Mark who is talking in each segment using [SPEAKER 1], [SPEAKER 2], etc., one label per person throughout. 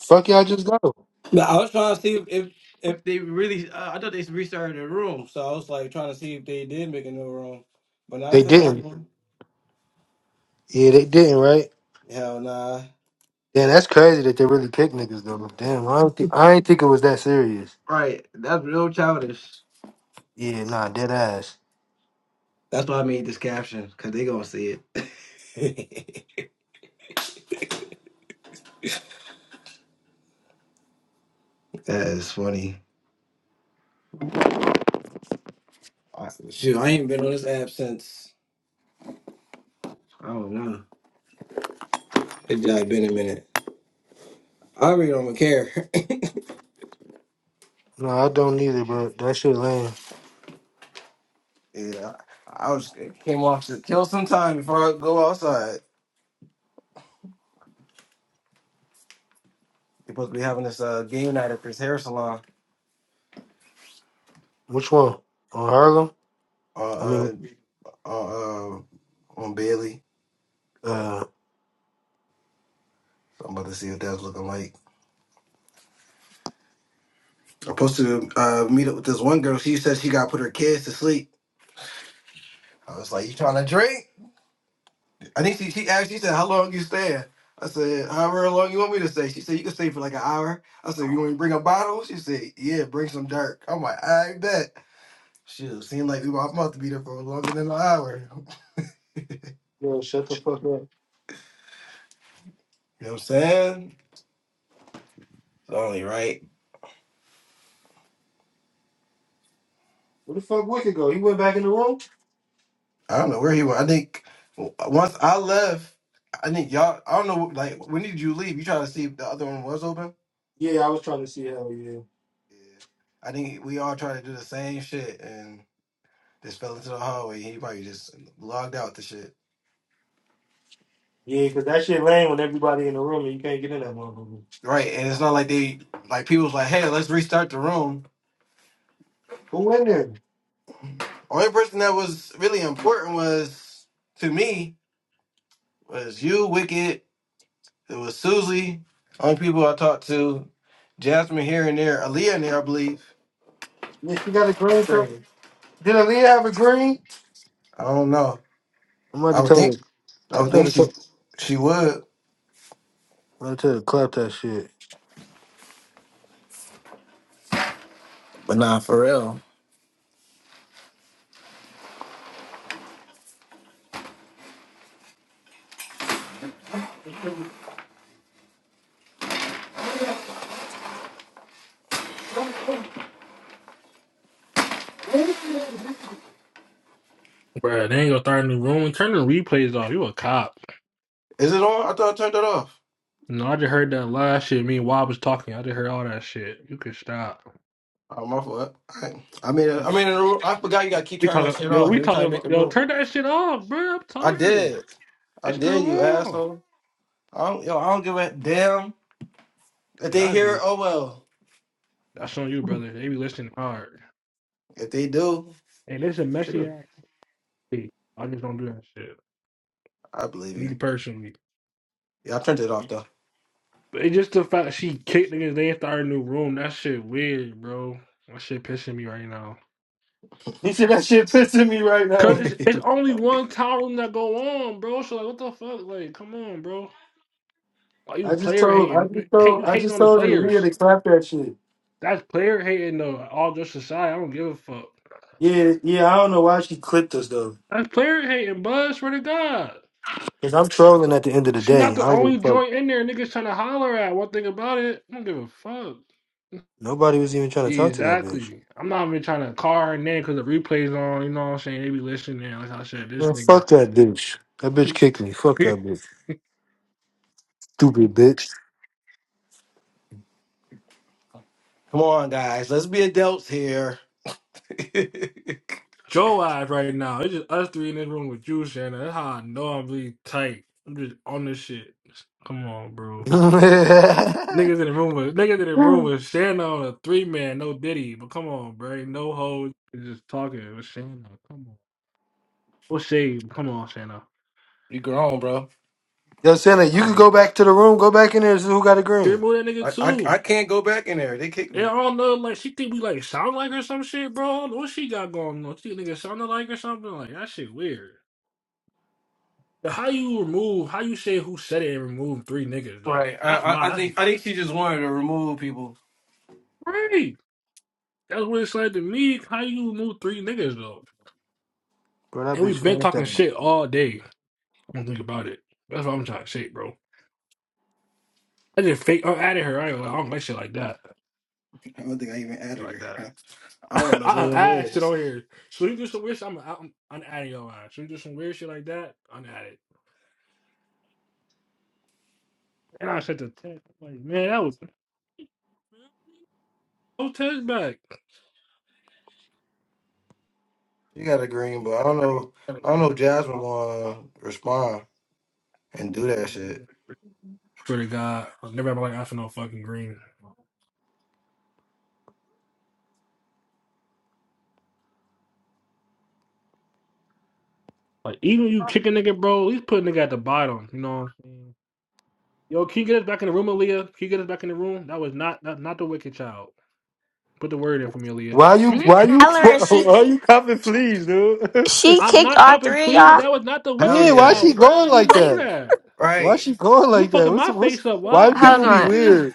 [SPEAKER 1] Fuck y'all, just go.
[SPEAKER 2] But I was trying to see if if, if they really. Uh, I thought they restarted the room, so I was like trying to see if they did make a new room. But now it's
[SPEAKER 1] They
[SPEAKER 2] the same.
[SPEAKER 1] didn't.
[SPEAKER 2] one.
[SPEAKER 1] Yeah, they didn't. Right?
[SPEAKER 2] Hell nah.
[SPEAKER 1] Damn, that's crazy that they really kicked niggas though. Damn, I don't think I ain't think it was that serious.
[SPEAKER 2] Right, that's real childish.
[SPEAKER 1] Yeah, nah, dead ass.
[SPEAKER 2] That's why I made this caption because they gonna see it. that is funny. I- Shoot, I ain't been on this app since I don't know. It's just been a minute. I really don't even care.
[SPEAKER 1] No, I don't either, bro. That shit lame.
[SPEAKER 2] yeah, I I was it came off to kill some time before I go outside. We're supposed to be having this uh, game night at this hair salon.
[SPEAKER 1] Which one? On Harlem? I
[SPEAKER 2] Uh.
[SPEAKER 1] mean,
[SPEAKER 2] on uh, on Bailey.
[SPEAKER 1] uh.
[SPEAKER 2] So I'm about to see what that's looking like. I'm supposed to uh, meet up with this one girl. She said she got to put her kids to sleep. I was like, "You trying to drink?" I think she she asked. She said, "How long you staying?" I said, "However long you want me to stay." She said, "You can stay for like an hour." I said, "You want me to bring a bottle?" She said, "Yeah, bring some dark." I'm like, "I bet." Shit, seemed like we were about to be there for longer than an hour. You
[SPEAKER 1] Yo, shut the fuck up. Where
[SPEAKER 2] know what I'm saying? It's only right.
[SPEAKER 1] the fuck Wicked go? He went back in the room.
[SPEAKER 2] I don't know where he went. I think once I left, I think y'all. I don't know. Like, when did you leave? You try to see if the other one was open.
[SPEAKER 1] Yeah, I was trying to see how. Yeah,
[SPEAKER 2] Yeah. I think we all tried to do the same shit and just fell into the hallway. He probably just logged out the shit.
[SPEAKER 1] yeah, because that shit lame when everybody in the room and you can't get in that motherfucker.
[SPEAKER 2] Right, and it's not like they like people was like, "Hey, let's restart the room."
[SPEAKER 1] Who in there?
[SPEAKER 2] Only person that was really important was to me was you, Wicked. It was Susie. Only people I talked to, Jasmine here and there, Aaliyah in there, I believe.
[SPEAKER 1] Bitch, you got a green. shirt?
[SPEAKER 2] Same.
[SPEAKER 1] Did Aaliyah have a green?
[SPEAKER 2] I don't know.
[SPEAKER 1] I'm about
[SPEAKER 2] I
[SPEAKER 1] to
[SPEAKER 2] would
[SPEAKER 1] tell
[SPEAKER 2] think
[SPEAKER 1] her.
[SPEAKER 2] I
[SPEAKER 1] I'm
[SPEAKER 2] would
[SPEAKER 1] about
[SPEAKER 2] think
[SPEAKER 1] to tell her.
[SPEAKER 2] she she would,
[SPEAKER 1] I tell you, clap that shit.
[SPEAKER 2] but nah, for real.
[SPEAKER 3] Bruh, they ain't gonna start a new room. Turn the replays off. You a cop.
[SPEAKER 2] Is it on? I thought I turned it off.
[SPEAKER 3] No, I just heard that last shit. Me and Wob was talking. I just heard all that shit. You can stop.
[SPEAKER 2] Oh my fault. I, I mean, I mean, I forgot you gotta keep
[SPEAKER 3] We
[SPEAKER 2] turning that
[SPEAKER 3] talking.
[SPEAKER 2] shit
[SPEAKER 3] Yo,
[SPEAKER 2] off
[SPEAKER 3] we
[SPEAKER 2] every time
[SPEAKER 3] talking.
[SPEAKER 2] you
[SPEAKER 3] about-
[SPEAKER 2] make a
[SPEAKER 3] Yo,
[SPEAKER 2] move.
[SPEAKER 3] turn that shit off, bruh. I'm
[SPEAKER 2] I
[SPEAKER 3] talking.
[SPEAKER 2] did, I
[SPEAKER 3] It's still
[SPEAKER 2] did, you
[SPEAKER 3] on.
[SPEAKER 2] asshole. I don't, yo, I don't give a damn if
[SPEAKER 3] Shit,
[SPEAKER 2] they
[SPEAKER 3] I
[SPEAKER 2] hear it.
[SPEAKER 3] do.
[SPEAKER 2] Oh well,
[SPEAKER 3] That's on you, brother. They be listening hard.
[SPEAKER 2] if they do,
[SPEAKER 3] And it's a messy
[SPEAKER 2] sure,
[SPEAKER 3] ass. shit. I just don't do that shit.
[SPEAKER 2] I believe
[SPEAKER 3] Me
[SPEAKER 2] you.
[SPEAKER 3] personally.
[SPEAKER 2] Yeah, I turned it off though.
[SPEAKER 3] But it's just the fact she kicked niggas. They ain't started a new room. That shit weird, bro. That shit pissing me right now.
[SPEAKER 1] You see that shit pissing me right
[SPEAKER 3] Cause
[SPEAKER 1] now.
[SPEAKER 3] it's, it's
[SPEAKER 2] Come
[SPEAKER 3] only one column that go on, bro. So like, what the fuck? Like, come on, bro. Why
[SPEAKER 1] I
[SPEAKER 3] you
[SPEAKER 1] just
[SPEAKER 3] player
[SPEAKER 1] told, I
[SPEAKER 3] hating?
[SPEAKER 1] just
[SPEAKER 3] Hate
[SPEAKER 1] told,
[SPEAKER 3] you
[SPEAKER 1] I
[SPEAKER 3] hating
[SPEAKER 1] just
[SPEAKER 3] on the
[SPEAKER 1] told her Leah
[SPEAKER 3] players?
[SPEAKER 1] to clap that shit.
[SPEAKER 3] That's player hating though. All just aside, I don't give a fuck.
[SPEAKER 1] Yeah, yeah. I don't know why she clipped us though.
[SPEAKER 3] That's player hating, bud. Swear to God,
[SPEAKER 1] Cause I'm trolling at the end of the
[SPEAKER 3] she
[SPEAKER 1] day.
[SPEAKER 3] not the
[SPEAKER 1] I don't give
[SPEAKER 3] only
[SPEAKER 1] a fuck.
[SPEAKER 3] joint in there. Niggas trying to holler at. One thing about it, I don't give a fuck.
[SPEAKER 1] Nobody was even trying to talk to that bitch.
[SPEAKER 3] Exactly. I'm not even trying to call her name because the replay's on. You know what I'm saying? They be listening. Like I said, this
[SPEAKER 1] Man,
[SPEAKER 3] nigga.
[SPEAKER 1] fuck that bitch. That bitch kicked me. Fuck that bitch. Stupid bitch.
[SPEAKER 2] on, guys, let's be adults here. you
[SPEAKER 3] Joe eyes right now. It's just us three in this room with you, Shannon. That's how I know I'm really tight. I'm just on this shit. Come on, bro. Niggas in the room with niggas in the room with Shannon on a three man, no Diddy. But come on, bro. Ain't No hoes. It's Just talking with Shannon. Come on. what shade. Come on, Shannon.
[SPEAKER 2] grown, bro.
[SPEAKER 1] Yo, Santa, you could
[SPEAKER 3] Um,
[SPEAKER 1] go back to the room. Go back in there. and See who got a
[SPEAKER 3] she
[SPEAKER 1] green?
[SPEAKER 3] removed that nigga
[SPEAKER 2] I, I
[SPEAKER 3] too.
[SPEAKER 2] I can't go back in there. They kicked
[SPEAKER 3] And I
[SPEAKER 2] me.
[SPEAKER 3] don't know, like she think we like sound like her or some shit, bro. I don't know What she got going on? She think nigga sounding like or something? Like that shit weird. But How you remove? How you say who said it and remove three niggas though?
[SPEAKER 2] Right. I,
[SPEAKER 3] That's
[SPEAKER 2] I
[SPEAKER 3] my.
[SPEAKER 2] I
[SPEAKER 3] That's
[SPEAKER 2] think I think she just wanted to remove people.
[SPEAKER 3] right. That's what it's like to me. How you remove three niggas though?
[SPEAKER 1] Bro, that
[SPEAKER 3] And
[SPEAKER 1] bitch
[SPEAKER 3] we've been
[SPEAKER 1] fanned
[SPEAKER 3] talking
[SPEAKER 1] out.
[SPEAKER 3] shit all day. I Don't think about it. That's what I'm trying to say, bro. I just fake. I'm out of here. I, ain't- I don't like shit like that.
[SPEAKER 2] I don't think I even
[SPEAKER 3] Shit
[SPEAKER 2] added
[SPEAKER 3] like
[SPEAKER 2] her.
[SPEAKER 3] that.
[SPEAKER 2] I, I don't know who
[SPEAKER 3] I
[SPEAKER 2] it
[SPEAKER 3] add shit
[SPEAKER 2] is.
[SPEAKER 3] on here. So you do some weird shit. I'm I'm, I'm out of your line. So you do some weird shit like that. I'm at it. And I sent the text. I'm like, man, that was no text back.
[SPEAKER 2] She got a green, but I don't know.
[SPEAKER 3] Gotta
[SPEAKER 2] I don't
[SPEAKER 3] bring-
[SPEAKER 2] know if
[SPEAKER 3] I'm gonna-
[SPEAKER 2] Jasmine gonna respond and do
[SPEAKER 3] I'm
[SPEAKER 2] that
[SPEAKER 3] gonna bring it
[SPEAKER 2] shit.
[SPEAKER 3] up. Swear to God, never have my like after no fucking green. Like even you kick a nigga, bro, he's putting nigga at the bottom. You know what I'm saying? Yo, can you get us back in the room, Aaliyah? Can you get us back in the room? That was not not, not the wicked child. Put the word in for me, Aaliyah.
[SPEAKER 1] Why you? Why you?
[SPEAKER 4] Tyler, she
[SPEAKER 1] Why, you copping fleas, dude?
[SPEAKER 4] she
[SPEAKER 3] I'm
[SPEAKER 4] kicked
[SPEAKER 3] not
[SPEAKER 4] all
[SPEAKER 3] copping
[SPEAKER 4] three
[SPEAKER 3] pleas, but
[SPEAKER 4] of y'all.
[SPEAKER 3] that was not the
[SPEAKER 2] Hell
[SPEAKER 3] wicked
[SPEAKER 1] Yeah, why
[SPEAKER 2] yeah.
[SPEAKER 1] she
[SPEAKER 3] child, bro.
[SPEAKER 1] going
[SPEAKER 3] You
[SPEAKER 1] like
[SPEAKER 3] know
[SPEAKER 1] that?
[SPEAKER 3] that.
[SPEAKER 1] Why
[SPEAKER 2] Right.
[SPEAKER 1] she going
[SPEAKER 3] You
[SPEAKER 1] like that?
[SPEAKER 3] fucking
[SPEAKER 1] What's
[SPEAKER 3] my
[SPEAKER 1] what's
[SPEAKER 3] face up.
[SPEAKER 1] why
[SPEAKER 3] Why fuck
[SPEAKER 4] Hold
[SPEAKER 1] people
[SPEAKER 3] you,
[SPEAKER 1] be
[SPEAKER 4] on,
[SPEAKER 3] nigga?
[SPEAKER 1] weird?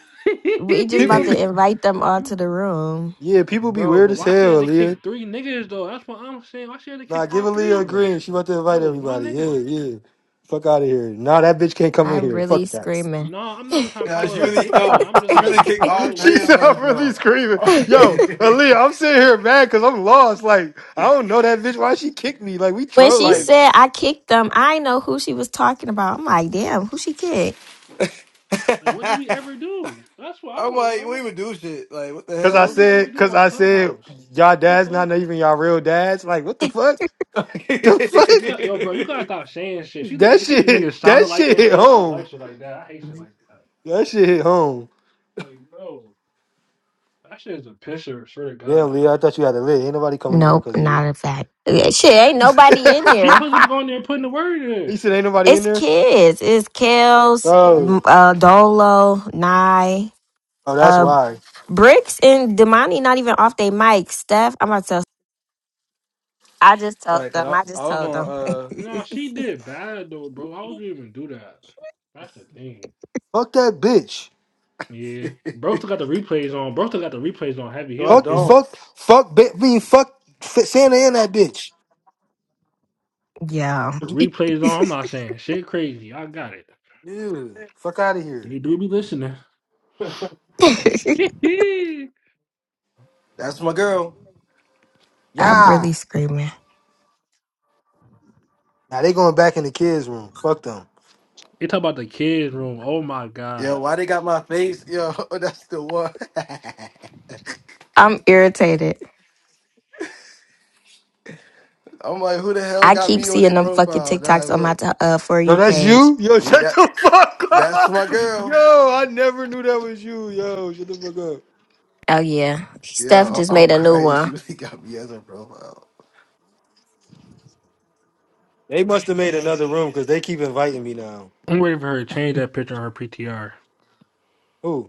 [SPEAKER 4] we just
[SPEAKER 1] People
[SPEAKER 4] about
[SPEAKER 1] be
[SPEAKER 4] to invite them all to
[SPEAKER 3] you,
[SPEAKER 4] the room.
[SPEAKER 1] yeah, people be
[SPEAKER 3] bro,
[SPEAKER 1] weird
[SPEAKER 3] but
[SPEAKER 1] as
[SPEAKER 3] why she had
[SPEAKER 1] hell,
[SPEAKER 3] to
[SPEAKER 1] Aaliyah.
[SPEAKER 3] kick three niggas though? That's what I'm saying. Why she had to kick
[SPEAKER 1] Nah, give
[SPEAKER 3] all three
[SPEAKER 1] Aaliyah a
[SPEAKER 3] of us?
[SPEAKER 1] green. She about to
[SPEAKER 3] That
[SPEAKER 1] invite
[SPEAKER 3] was one
[SPEAKER 1] everybody. Yeah,
[SPEAKER 3] nigga.
[SPEAKER 1] yeah. Fuck out of here. Nah, that bitch can't come in
[SPEAKER 4] I'm
[SPEAKER 1] here.
[SPEAKER 4] really
[SPEAKER 1] Fuck that.
[SPEAKER 4] screaming.
[SPEAKER 3] No, I'm not even trying to
[SPEAKER 2] Yeah.
[SPEAKER 3] call
[SPEAKER 2] She
[SPEAKER 3] her a
[SPEAKER 2] really.
[SPEAKER 3] bitch or not.
[SPEAKER 2] Yo.
[SPEAKER 3] I'm just
[SPEAKER 2] She really
[SPEAKER 3] like,
[SPEAKER 2] kicked all
[SPEAKER 3] bro,
[SPEAKER 1] she
[SPEAKER 3] like,
[SPEAKER 2] three of
[SPEAKER 1] said I'm
[SPEAKER 2] us.
[SPEAKER 1] really
[SPEAKER 2] No.
[SPEAKER 1] screaming. Yo, Aaliyah, I'm sitting here mad because I'm lost. Like, I don't know that bitch. Why she kicked me? Like, we
[SPEAKER 4] when she
[SPEAKER 1] trolling.
[SPEAKER 2] right.
[SPEAKER 4] said I kicked them, I know who she was talking about. I'm like, damn, who she kicked?
[SPEAKER 3] like what did we ever do? That's what I
[SPEAKER 2] I'm
[SPEAKER 3] want to
[SPEAKER 2] like, we
[SPEAKER 3] know.
[SPEAKER 2] even do shit. Like, what the
[SPEAKER 1] Cause
[SPEAKER 3] What
[SPEAKER 1] I
[SPEAKER 3] did
[SPEAKER 2] hell?
[SPEAKER 3] we ever
[SPEAKER 1] said,
[SPEAKER 3] do
[SPEAKER 1] cause
[SPEAKER 3] on
[SPEAKER 1] I said,
[SPEAKER 3] Clubhouse?
[SPEAKER 1] y'all
[SPEAKER 3] What
[SPEAKER 1] dads
[SPEAKER 3] the fuck?
[SPEAKER 1] not even y'all real dads. Like, what the fuck? The fuck?
[SPEAKER 3] You got yo, bro. You gotta stop saying shit. She think
[SPEAKER 1] That
[SPEAKER 3] niggas, she think
[SPEAKER 1] shit,
[SPEAKER 3] niggas sounded
[SPEAKER 1] that
[SPEAKER 3] like
[SPEAKER 1] shit
[SPEAKER 3] and
[SPEAKER 1] hit
[SPEAKER 3] shit. I don't like
[SPEAKER 1] home.
[SPEAKER 3] shit like that. I hate shit like that.
[SPEAKER 1] That shit hit home.
[SPEAKER 3] Like, bro, that shit is a pisser. Swear to
[SPEAKER 1] Damn,
[SPEAKER 3] God,
[SPEAKER 1] Leo, I thought you had a lit. Ain't nobody coming in here
[SPEAKER 4] Nope,
[SPEAKER 1] because of you.
[SPEAKER 4] not a fact. Yeah, Shit, ain't nobody in
[SPEAKER 3] she
[SPEAKER 4] there.
[SPEAKER 3] supposed to be going there and putting the word
[SPEAKER 1] He
[SPEAKER 3] in.
[SPEAKER 1] said, ain't nobody in
[SPEAKER 4] It's
[SPEAKER 1] there.
[SPEAKER 4] kids. It's Kels,
[SPEAKER 1] Oh,
[SPEAKER 4] m- uh, Dolo, Nye,
[SPEAKER 1] oh, that's
[SPEAKER 4] uh,
[SPEAKER 1] why.
[SPEAKER 4] Bricks, and Demani. Not even off they mic. Steph, I'm about to. Tell, I just told
[SPEAKER 2] right. Cause
[SPEAKER 4] them.
[SPEAKER 2] I,
[SPEAKER 4] I just
[SPEAKER 2] I was
[SPEAKER 4] told
[SPEAKER 2] gonna.
[SPEAKER 4] them.
[SPEAKER 2] Uh.
[SPEAKER 3] No, she did bad though, bro. How would you even do that? That's the thing.
[SPEAKER 1] Fuck that bitch.
[SPEAKER 3] Yeah, bro still got the replays on. Bro still got the replays on heavy. He
[SPEAKER 2] No, I
[SPEAKER 3] don't
[SPEAKER 1] Fuck,
[SPEAKER 3] care.
[SPEAKER 2] don't.
[SPEAKER 1] fuck, fuck. Bi- I mean, fuck F- Santa and that bitch.
[SPEAKER 4] yeah,
[SPEAKER 3] The
[SPEAKER 1] What you,
[SPEAKER 3] replays on. I'm not saying shit crazy. I got it.
[SPEAKER 1] dude, fuck out of here.
[SPEAKER 3] They do be listening. they
[SPEAKER 2] That's my girl.
[SPEAKER 4] I'm
[SPEAKER 1] Yeah.
[SPEAKER 4] really screaming.
[SPEAKER 1] Now they going back in the kids' room. Fuck them.
[SPEAKER 3] talk about the kids room. Oh my
[SPEAKER 2] Yo,
[SPEAKER 3] god.
[SPEAKER 2] why they got my face? Yo, that's the one.
[SPEAKER 4] I'm irritated.
[SPEAKER 2] I'm like, who the hell
[SPEAKER 4] I
[SPEAKER 2] got
[SPEAKER 4] keep
[SPEAKER 2] me on their
[SPEAKER 4] seeing them fucking
[SPEAKER 2] profile? Now I
[SPEAKER 4] TikToks on my
[SPEAKER 2] look.
[SPEAKER 4] t- uh, For
[SPEAKER 1] Yo,
[SPEAKER 4] You
[SPEAKER 1] that's
[SPEAKER 4] page.
[SPEAKER 1] you. Yo,
[SPEAKER 2] Yeah,
[SPEAKER 1] shut
[SPEAKER 2] that
[SPEAKER 1] the fuck
[SPEAKER 2] that's
[SPEAKER 1] up.
[SPEAKER 2] my girl.
[SPEAKER 1] Yo, I never knew that was you. Yo, shut the fuck up.
[SPEAKER 4] Oh, yeah. Steph
[SPEAKER 2] Yeah,
[SPEAKER 4] just
[SPEAKER 2] I-
[SPEAKER 4] made
[SPEAKER 2] I'm
[SPEAKER 4] a new
[SPEAKER 2] crazy.
[SPEAKER 4] one.
[SPEAKER 2] She really got me as her profile.
[SPEAKER 1] They must have made another room because they keep inviting me now.
[SPEAKER 3] I'm ready for her to change that picture on her PTR.
[SPEAKER 1] Who?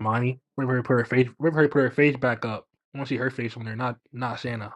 [SPEAKER 3] Monty. Wait for her to put her face. Wait for her to put her face back up. I want to see her face on there. Not not Santa.